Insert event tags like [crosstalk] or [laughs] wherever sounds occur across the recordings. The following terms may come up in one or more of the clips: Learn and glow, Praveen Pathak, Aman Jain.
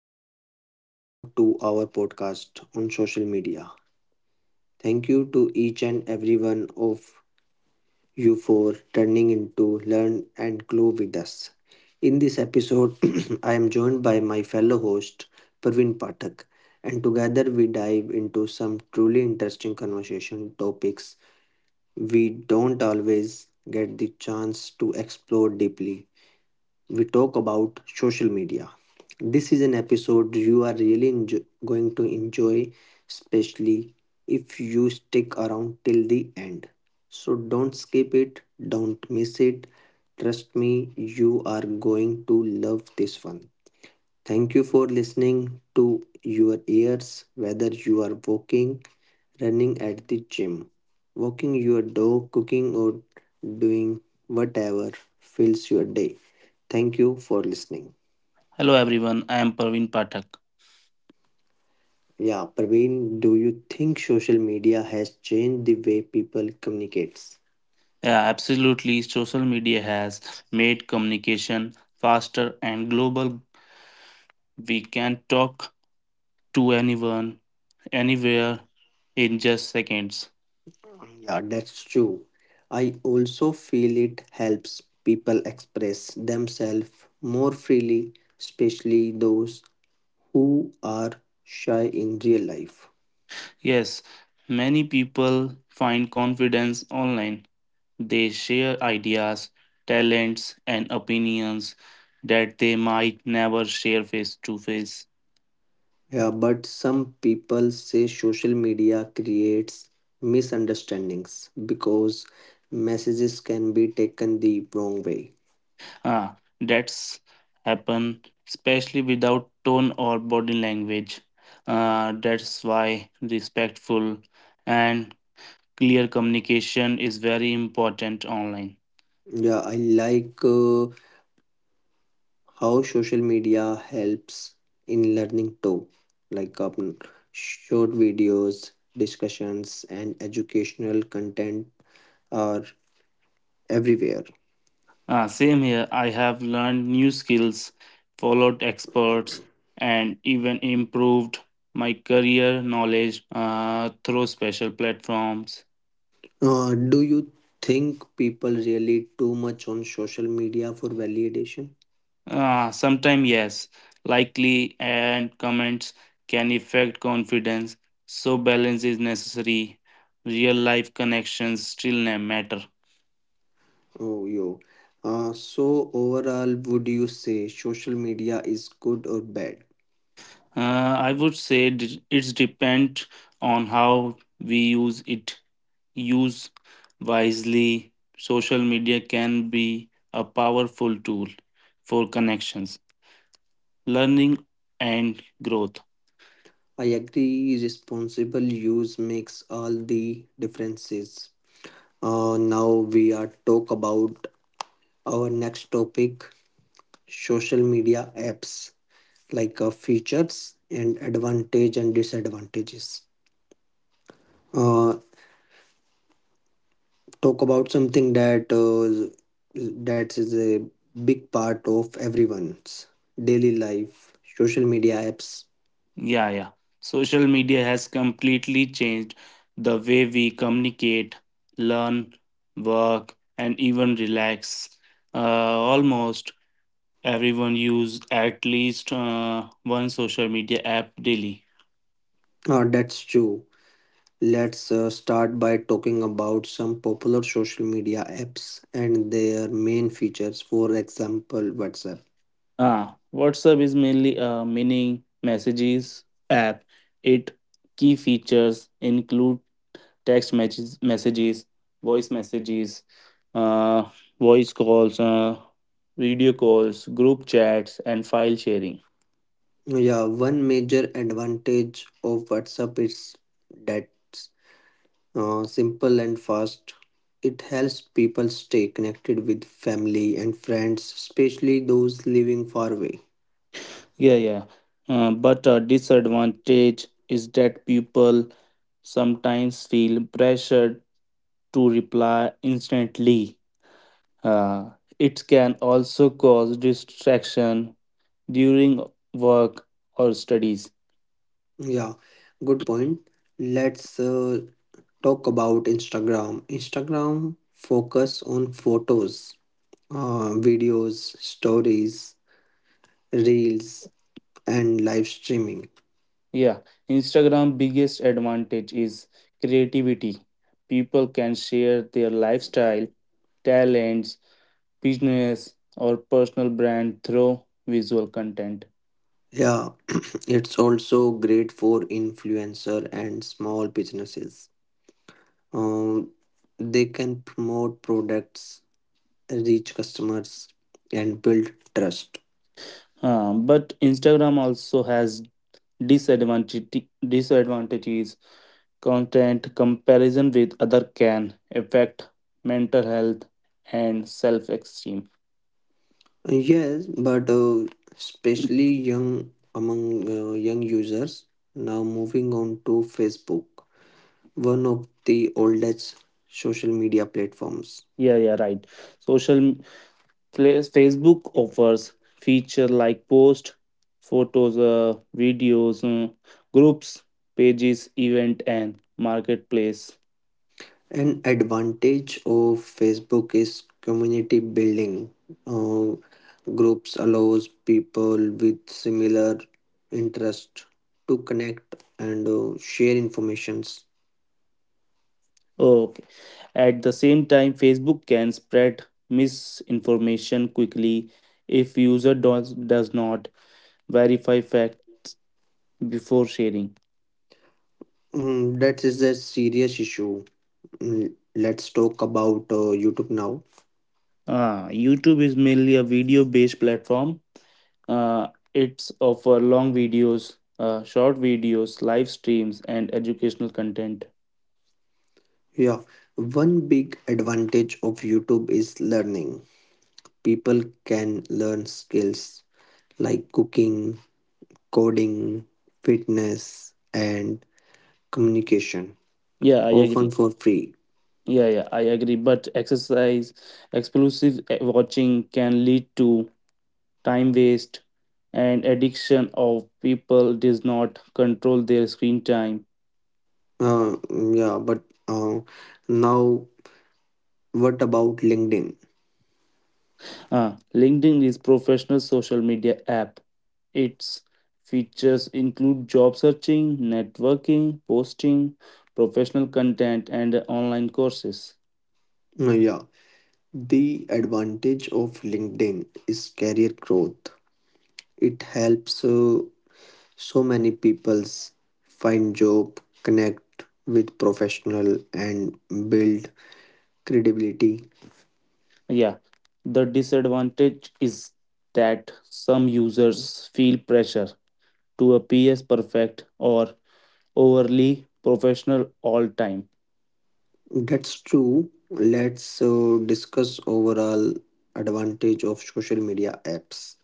Jain and welcome to our podcast on social media. Thank you to each and every one of you for turning into Learn and glow with us. In this episode, [clears throat] I am joined by my fellow host Praveen Pathak and together we dive into some truly interesting conversation topics we don't always get the chance to explore deeply. We talk about social media. This is an episode you are really going to enjoy, especially if you stick around till the end. So don't skip it, don't miss it. Trust me, you are going to love this one. Thank you for listening to your ears, whether you are walking running at the gym, walking your dog, cooking, or doing whatever fills your day. Thank you for listening. Hello everyone, I am Praveen Pathak. Yeah, Praveen, do you think social media has changed the way people communicates? Yeah, absolutely. Social media has made communication faster and global. We can talk to anyone, anywhere in just seconds. Yeah, that's true. I also feel it helps people express themselves more freely, especially those who are shy in real life. Yes, many people find confidence online. They share ideas, talents, and opinions that they might never share face to face. Yeah, but some people say social media creates misunderstandings because messages can be taken the wrong way. That's happen especially without tone or body language. That's why respectful and clear communication is very important online. Yeah, I like how social media helps in learning too, like short videos, discussions, and educational content are everywhere. Same here. I have learned new skills, followed experts, and even improved my career knowledge through special platforms. Do you think people really too much on social media for validation? Sometimes, yes, likely and comments can affect confidence, so balance is necessary. Real life connections still matter. Oh, yo. So overall, would you say social media is good or bad? I would say it's depend on how we use it. Use wisely. Social media can be a powerful tool for connections, learning, and growth. I agree, responsible use makes all the differences. Now we are talk about our next topic, social media apps, like features and advantage and disadvantages. Uh, Talk about something that is a big part of everyone's daily life social media apps. Yeah, yeah. Social media has completely changed the way we communicate, learn, work, and even relax. Almost everyone use at least one social media app daily. That's true. Let's start by talking about some popular social media apps and their main features, for example WhatsApp. WhatsApp is mainly a mini messages app. It key features include text messages, messages, uh, voice calls, video calls, group chats, and file sharing. Yeah, one major advantage of WhatsApp is that simple and fast. It helps people stay connected with family and friends, especially those living far away. Yeah, yeah. But a disadvantage is that people sometimes feel pressured to reply instantly. Uh, it can also cause distraction during work or studies. Yeah, good point. Let's talk about Instagram. Instagram focus on photos, videos, stories, reels, and live streaming. Yeah, Instagram biggest advantage is creativity. People can share their lifestyle, talents, business or personal brand through visual content. Yeah, it's also great for influencer and small businesses. Um, they can promote products reach customers and build trust. But Instagram also has disadvantage, disadvantages. Content comparison with other can affect mental health and self-esteem. Yes, but especially young among young users. Now moving on to Facebook, one of the oldest social media platforms. Yeah, yeah, right. Social m- Facebook offers feature like post, photos, videos, groups, pages, event, and marketplace. An advantage of Facebook is community building. uh, Groups allows people with similar interest to connect and share informations. Okay. At the same time, Facebook can spread misinformation quickly if user does not verify facts before sharing. Mm, that is a serious issue. Mm, let's talk about YouTube now. YouTube is mainly a video-based platform. Uh, it's offer long videos, short videos, live streams, and educational content. Yeah, one big advantage of YouTube is learning. People can learn skills like cooking, coding, fitness, and communication, Yeah, I often agree. for free. Yeah, yeah, I agree. But exclusive watching can lead to time waste, and addiction of people does not control their screen time. Yeah, but uh, now what about LinkedIn? LinkedIn is professional social media app. Its features include job searching, networking, posting, professional content, and online courses. Yeah, the advantage of LinkedIn is career growth. It helps. So many peoples find job, connect with professional, and build credibility. Yeah, the disadvantage is that some users feel pressure to appear perfect or overly professional all time. That's true. Let's discuss overall advantage of social media apps.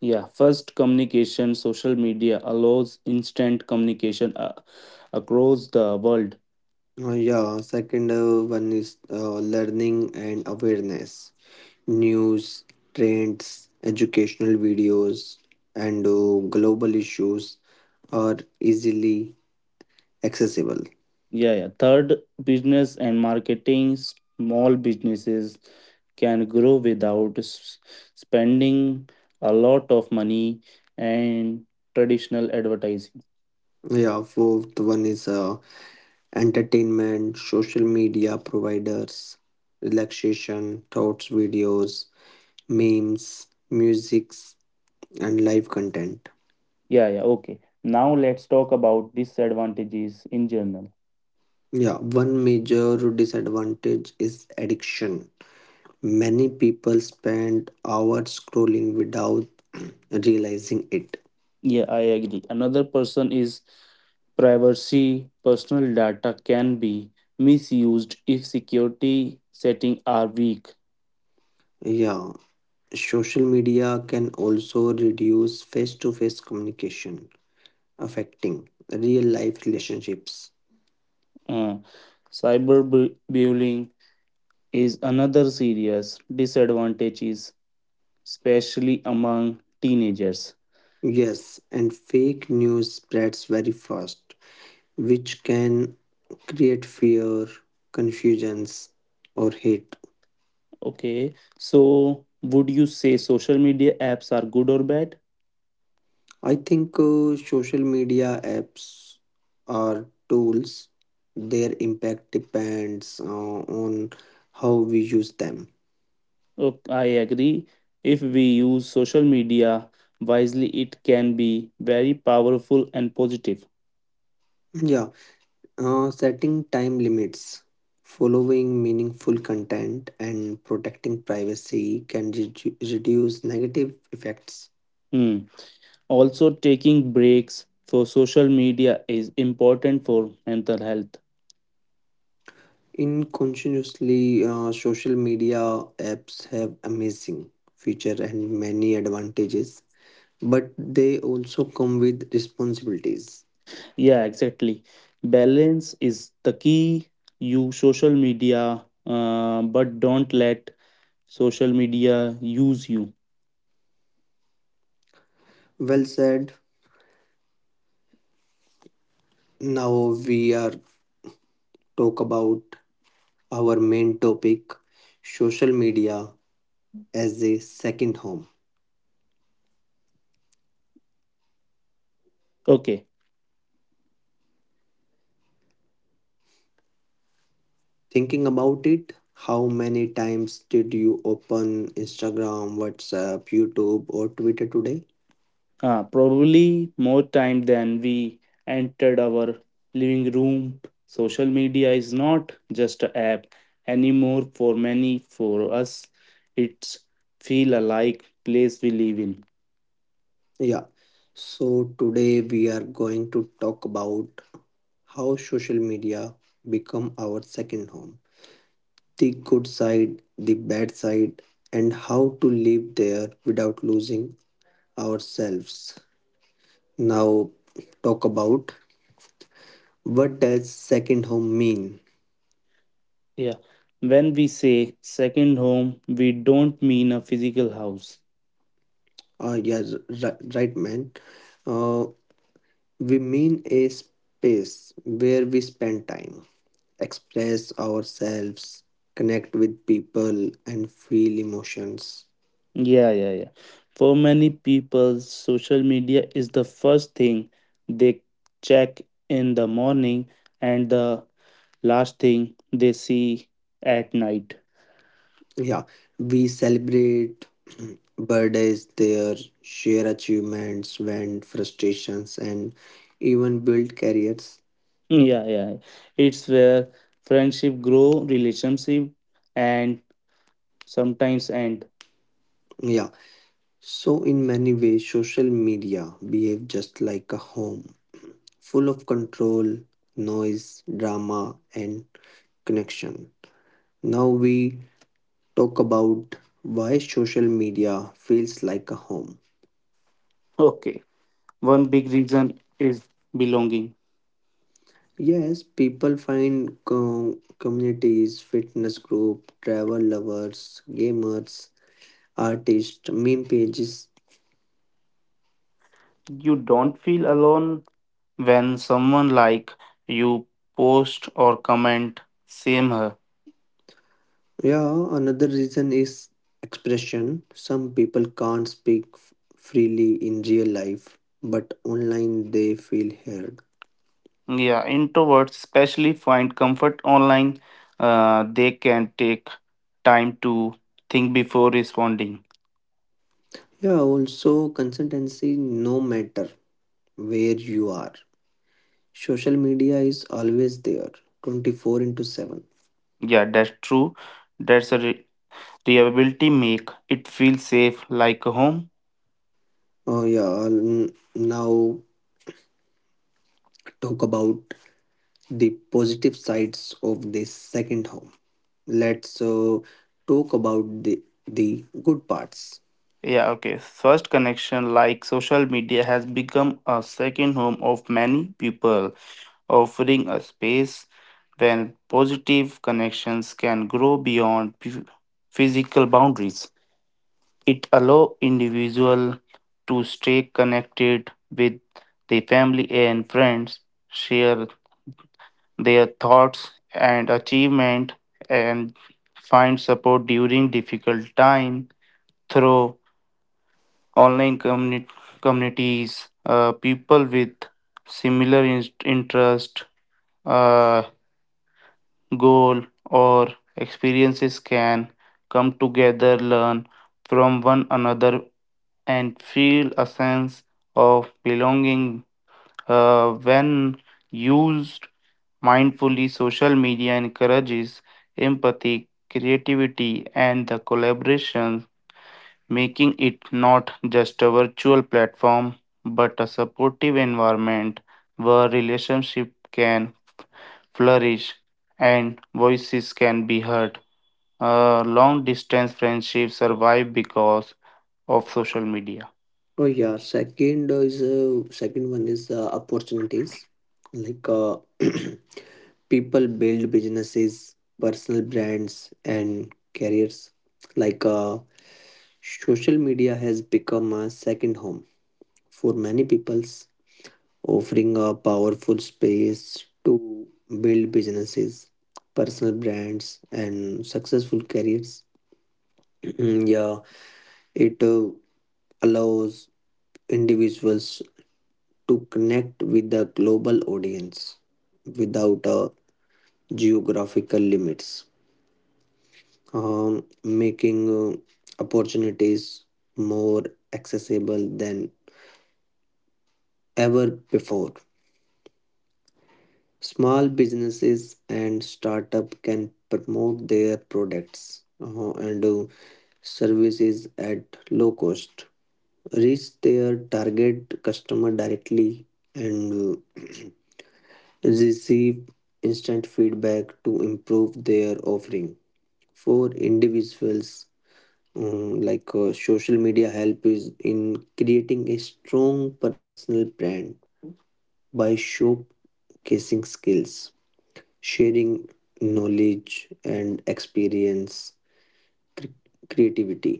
Yeah, first communication, social media allows instant communication across the world. Yeah, second one is learning and awareness. News, trends, educational videos, and global issues are easily accessible. Yeah, yeah. Third, business and marketing. Small businesses can grow without spending a lot of money and traditional advertising. Yeah, fourth one is entertainment, social media providers, relaxation, thoughts, videos, memes, musics, and live content. Yeah, yeah. Okay. Now let's talk about disadvantages in general. Yeah, one major disadvantage is addiction. Many people spend hours scrolling without [clears throat] realizing it. Yeah, I agree. Another person is privacy. Personal data can be misused if security settings are weak. Yeah, social media can also reduce face to face communication, affecting real life relationships. Uh, Cyberbullying is another serious disadvantage, is especially among teenagers. Yes, and fake news spreads very fast, which can create fear, confusions, or hate. Okay, so would you say social media apps are good or bad? I think social media apps are tools. Their impact depends on how we use them. Oh, I agree. If we use social media wisely, it can be very powerful and positive. Yeah, setting time limits, following meaningful content, and protecting privacy can reduce negative effects. Hmm. Also, taking breaks for social media is important for mental health. In continuously, social media apps have amazing feature and many advantages, but they also come with responsibilities. Yeah, exactly. Balance is the key. Use social media, but don't let social media use you. Well said. Now we are talk about our main topic, social media as a second home. Okay. Thinking about it, how many times did you open Instagram, WhatsApp, YouTube, or Twitter today? Probably more time than we entered our living room. Social media is not just an app anymore for many. For us, it's feel alike place we live in. Yeah. So today we are going to talk about how social media become our second home, the good side, the bad side, and how to live there without losing ourselves. Now talk about what does second home mean? Yeah. When we say second home, we don't mean a physical house. Yes, right, right, man. Uh, we mean a space where we spend time, express ourselves, connect with people, and feel emotions. Yeah, yeah, yeah. For many people, social media is the first thing they check in the morning and the last thing they see at night. [laughs] Yeah, we celebrate [clears throat] birthdays there, share achievements, vent frustrations, and even build careers. Yeah, yeah, yeah. It's where friendship grow, relationship and sometimes end. Yeah, so in many ways, social media behave just like a home, full of control, noise, drama, and connection. Now we talk about why social media feels like a home. Okay. One big reason is belonging. Yes, people find co communities, fitness group, travel lovers, gamers, artists, meme pages. You don't feel alone when someone like you post or comment same her. Yeah, another reason is expression. Some people can't speak freely in real life, but online they feel heard. Yeah, introverts especially find comfort online. They can take time to think before responding. Yeah, also consistency no matter where you are. Social media is always there, 24 into 7. Yeah, that's true. that's a re- Reliability make it feel safe like a home. Oh yeah, I'll now talk about the positive sides of this second home. Let's talk about the good parts. Yeah, okay, first connection like social media has become a second home of many people offering a space where positive connections can grow beyond physical boundaries. It allows individuals to stay connected with their family and friends, share their thoughts and achievement, and find support during difficult time through online communi- communities. People with similar interest, uh, goal or experiences can come together, learn from one another, and feel a sense of belonging when used mindfully. Social media encourages empathy, creativity, and the collaboration, making it not just a virtual platform but a supportive environment where relationship can flourish and voices can be heard. Long distance friendships survive because of social media. [laughs] Oh yeah, second one is opportunities. Like [clears throat] people build businesses, personal brands, and careers. Like social media has become a second home for many people, offering a powerful space to build businesses, personal brands, and successful careers. [clears throat] Yeah, it allows individuals to connect with the global audience without geographical limits, making opportunities more accessible than ever before. Small businesses and startup can promote their products and services at low cost, reach their target customer directly, and uh, [clears throat] receive instant feedback to improve their offering. For individuals, like social media help is in creating a strong personal brand by showcasing skills. Sharing knowledge and experience, cre- creativity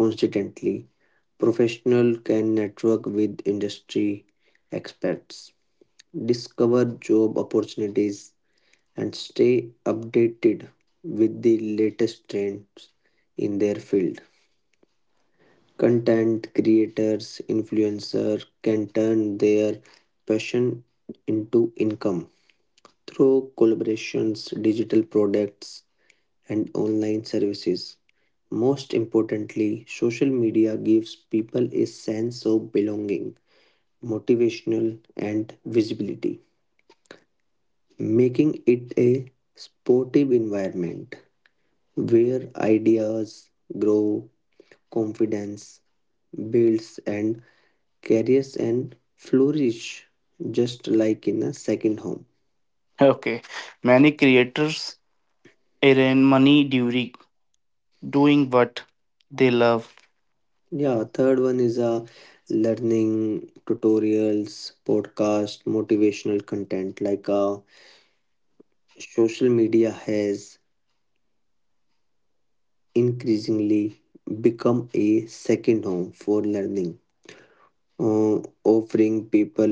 constantly. Professional can network with industry experts, discover job opportunities, and stay updated with the latest trends in their field. Content creators, influencer can turn their passion into income through collaborations, digital products, and online services. Most importantly, social media gives people a sense of belonging, motivational, and visibility, making it a sportive environment where ideas grow, confidence builds, and careers and flourish just like in a second home. Okay, many creators earn money during doing what they love. Yeah, third one is learning tutorials, podcast, motivational content. Like social media has increasingly become a second home for learning, offering people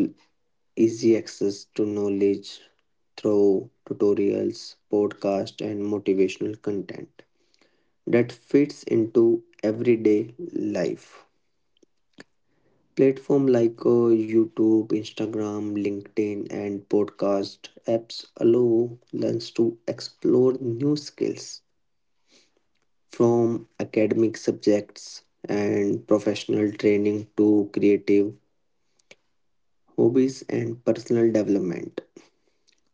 easy access to knowledge through tutorials, podcast, and motivational content that fits into everyday life. Platform like YouTube, Instagram, LinkedIn, and podcast apps allow learners to explore new skills from academic subjects and professional training to creative hobbies and personal development,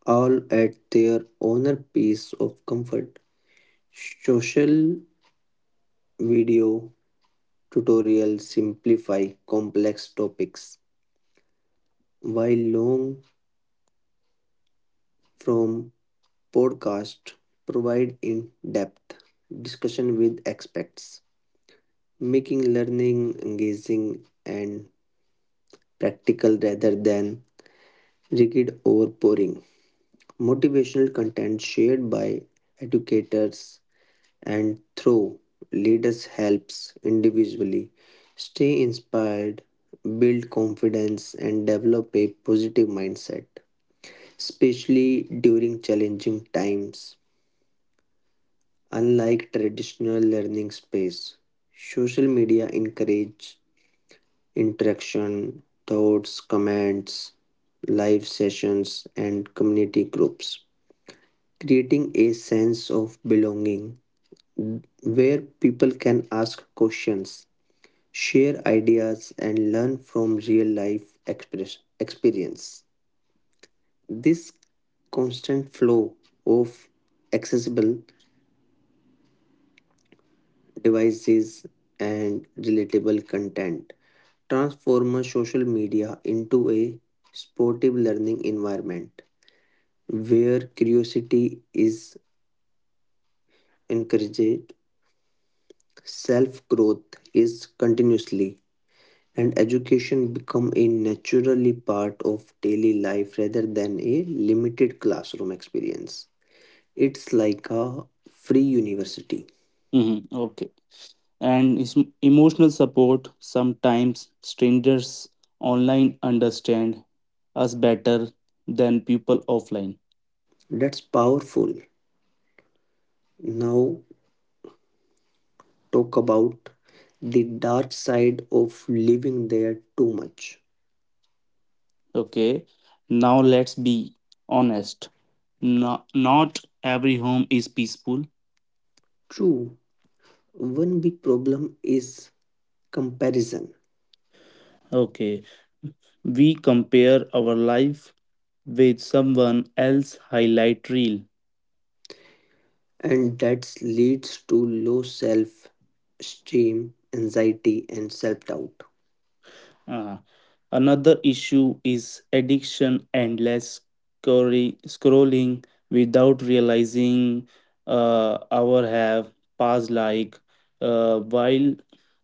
all at their own piece of comfort. Social video tutorials simplify complex topics, while long form podcasts provide in depth discussion with experts, making learning engaging and practical rather than rigid or boring. Motivational content shared by educators and through leaders helps individually stay inspired, build confidence, and develop a positive mindset, especially during challenging times. Unlike traditional learning space, social media encourage interaction, thoughts, comments, live sessions and community groups, creating a sense of belonging where people can ask questions, share ideas and learn from real life experience. This constant flow of accessible devices, and relatable content, transform social media into a sportive learning environment where curiosity is encouraged, self growth is continuously, and education become a naturally part of daily life rather than a limited classroom experience. It's like a free university. Mhm. Okay, and emotional support sometimes strangers online understand us better than people offline. That's powerful. Now talk about the dark side of living there too much. Okay, now let's be honest. No, not every home is peaceful. True, one big problem is comparison, Okay, we compare our life with someone else's highlight reel. and that leads to low self esteem, anxiety, and self doubt. Uh, Another issue is addiction endless scrolling without realizing our have passed like while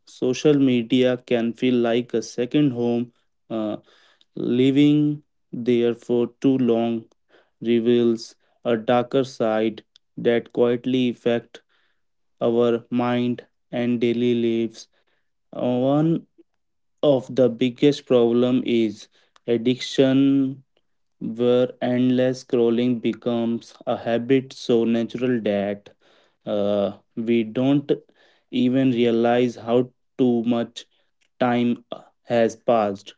social media can feel like a second home, uh, living there for too long reveals a darker side that quietly affect our mind and daily lives. One of the biggest problem is addiction where endless scrolling becomes a habit so natural that we don't even realize how too much time has passed,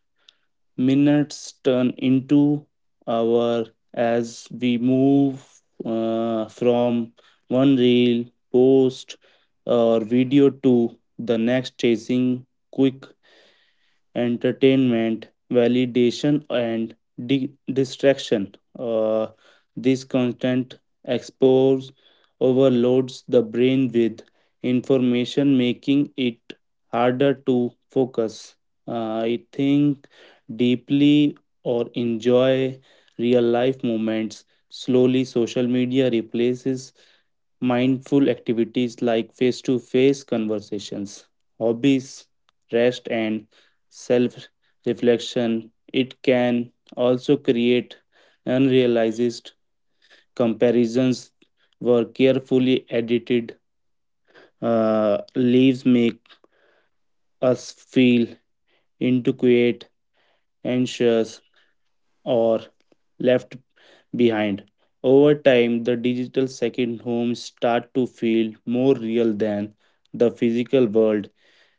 minutes turn into hour as we move from one reel post or video to the next chasing quick entertainment, validation, and distraction. This constant expose overloads the brain with information, making it harder to focus. I think deeply or enjoy real life moments. Slowly, social media replaces mindful activities like face to face conversations, hobbies, rest, and self reflection. It can also create unrealized comparisons where carefully edited leaves make us feel inadequate, anxious, or left behind. Over time, the digital second home start to feel more real than the physical world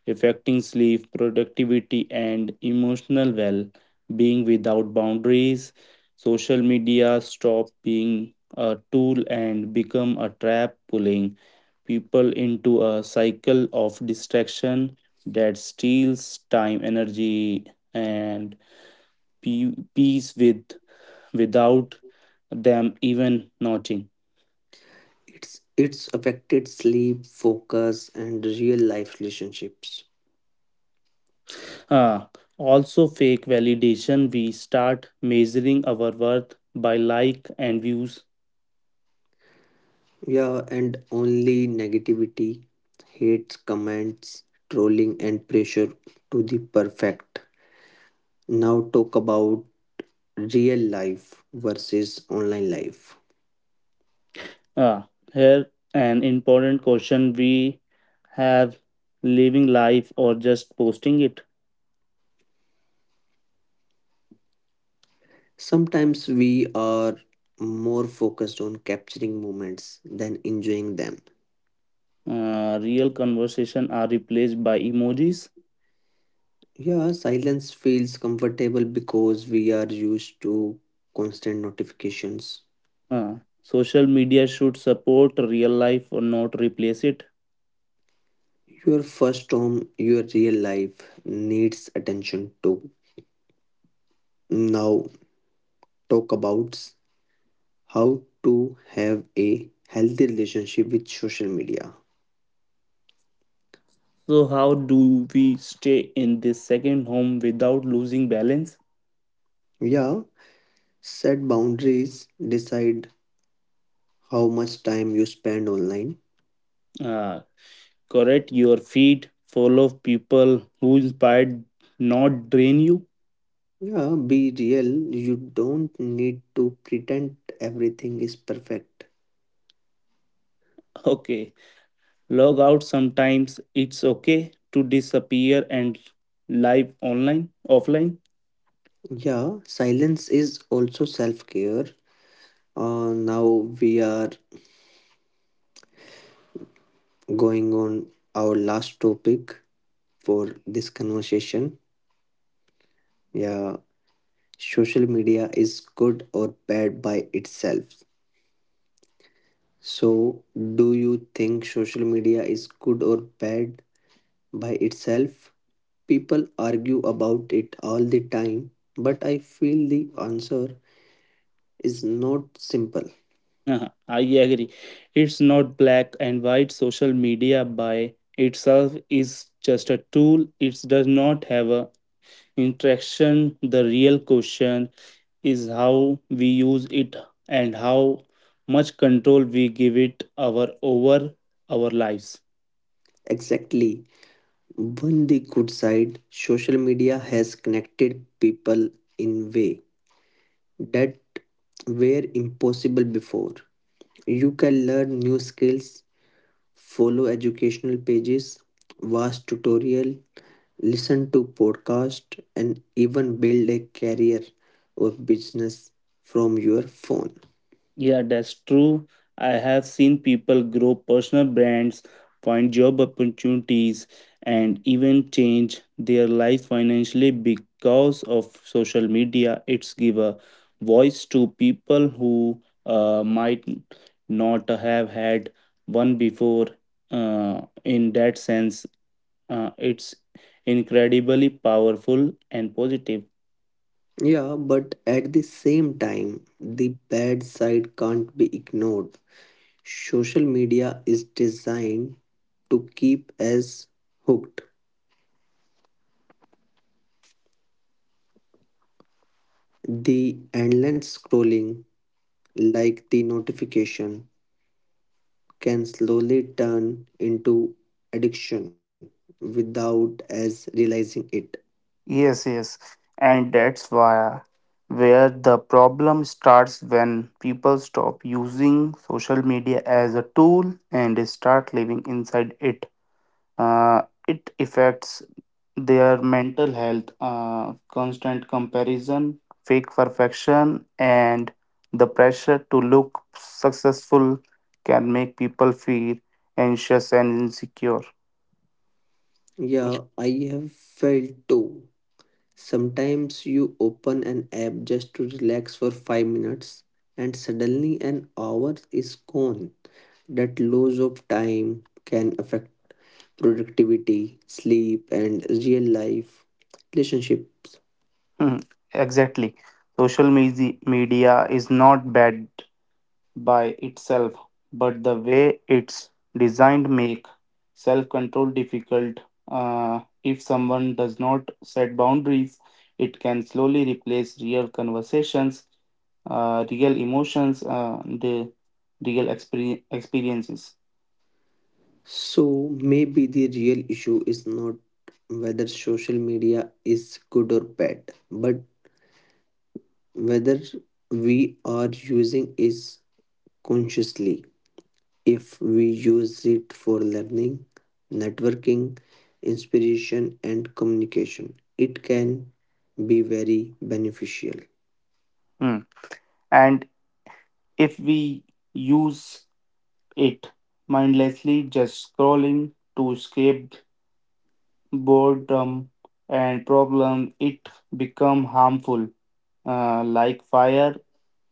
affecting sleep, productivity, and emotional well being without boundaries. Social media stop being a tool and become a trap, pulling people into a cycle of distraction that steals time, energy, and peace with without them even noting. It's affected sleep, focus, and real life relationships. Ah, Also fake validation we start measuring our worth by like and views. Yeah, and only negativity, hate, comments, trolling, and pressure to the perfect. Now, talk about real life versus online life. Here an important question we have, living life or just posting it. Sometimes we are more focused on capturing moments than enjoying them. Real conversation are replaced by emojis. Yeah, silence feels comfortable because we are used to constant notifications. Uh, Social media should support real life or not replace it. Your first home, your real life needs attention too. Now, talk about how to have a healthy relationship with social media. So how do we stay in this second home without losing balance? Yeah, set boundaries, decide how much time you spend online. Uh, Correct your feed, follow people who inspired, not drain you. Yeah, be real. You don't need to pretend everything is perfect. Okay. Log out sometimes it's okay to disappear and live online offline. Yeah, silence is also self care. Now we are going on our last topic for this conversation. Yeah, social media is good or bad by itself. So, do you think social media is good or bad by itself? People argue about it all the time, but I feel the answer is not simple. Uh-huh, I agree, it's not black and white. Social media by itself is just a tool, it does not have a interaction. The real question is how we use it and how much control we give it our over our lives. Exactly. On the good side, social media has connected people in way that were impossible before. You can learn new skills, follow educational pages, watch tutorial, listen to podcast and even build a career or business from your phone. Yeah, that's true. I have seen people grow personal brands, find job opportunities, and even change their life financially because of social media. It's give a voice to people who might not have had one before. In that sense, it's incredibly powerful and positive. Yeah, but at the same time, the bad side can't be ignored. Social media is designed to keep us hooked. The endless scrolling, like the notification, can slowly turn into addiction without us realizing it. Yes, yes. And that's why where the problem starts when people stop using social media as a tool and start living inside it. It affects their mental health, constant comparison, fake perfection, and the pressure to look successful can make people feel anxious and insecure. Yeah, I have felt too. Sometimes you open an app just to relax for 5 minutes and suddenly an hour is gone. That loss of time can affect productivity, sleep, and real life relationships. Hmm, exactly. Media is not bad by itself, but the way it's designed make self-control difficult. If someone does not set boundaries, it can slowly replace real conversations, real emotions, the experiences. So maybe the real issue is not whether social media is good or bad, but whether we are using it consciously. If we use it for learning, networking, inspiration, and communication, it can be very beneficial. Hmm. And if we use it mindlessly, just scrolling to escape boredom, and problem, it become harmful. Like fire,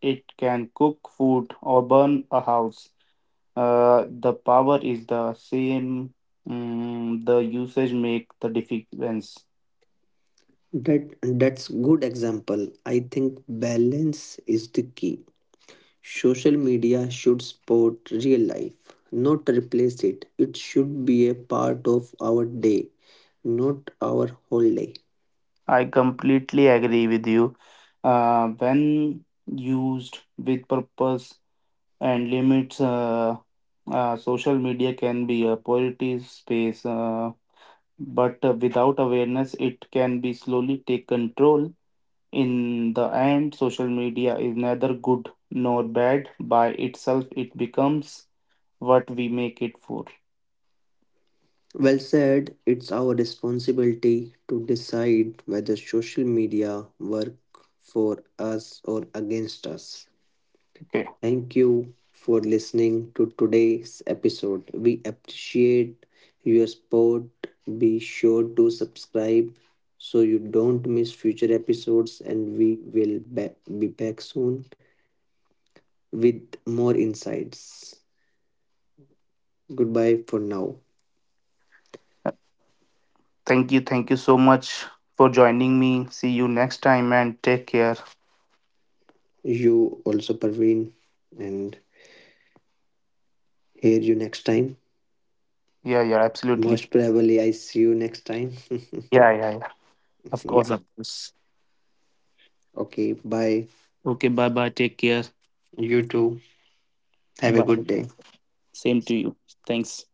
it can cook food or burn a house. The power is the same. Mm, the usage make the difference. That's good example. I think balance is the key. Social media should support real life, not replace it. It should be a part of our day, not our whole day. I completely agree with you. When used with purpose and limits, social media can be a positive space. But without awareness it can be slowly take control. In the end social media is neither good nor bad by itself, it becomes what we make it for. Well said, it's our responsibility to decide whether social media work for us or against us. Okay, Thank you for listening to today's episode. We appreciate your support. Be sure to subscribe so you don't miss future episodes and we will be back soon with more insights. Goodbye for now. thank you, thank you so much for joining me. See you next time and take care. You also Parveen and hear you next time. Yeah, yeah, absolutely. Most probably, I see you next time. Yeah, yeah, yeah. [laughs] Of Yeah. course, of course. Okay. Bye. Okay, bye bye, take care. You too. Have a good Bye. day. Same to you. Thanks.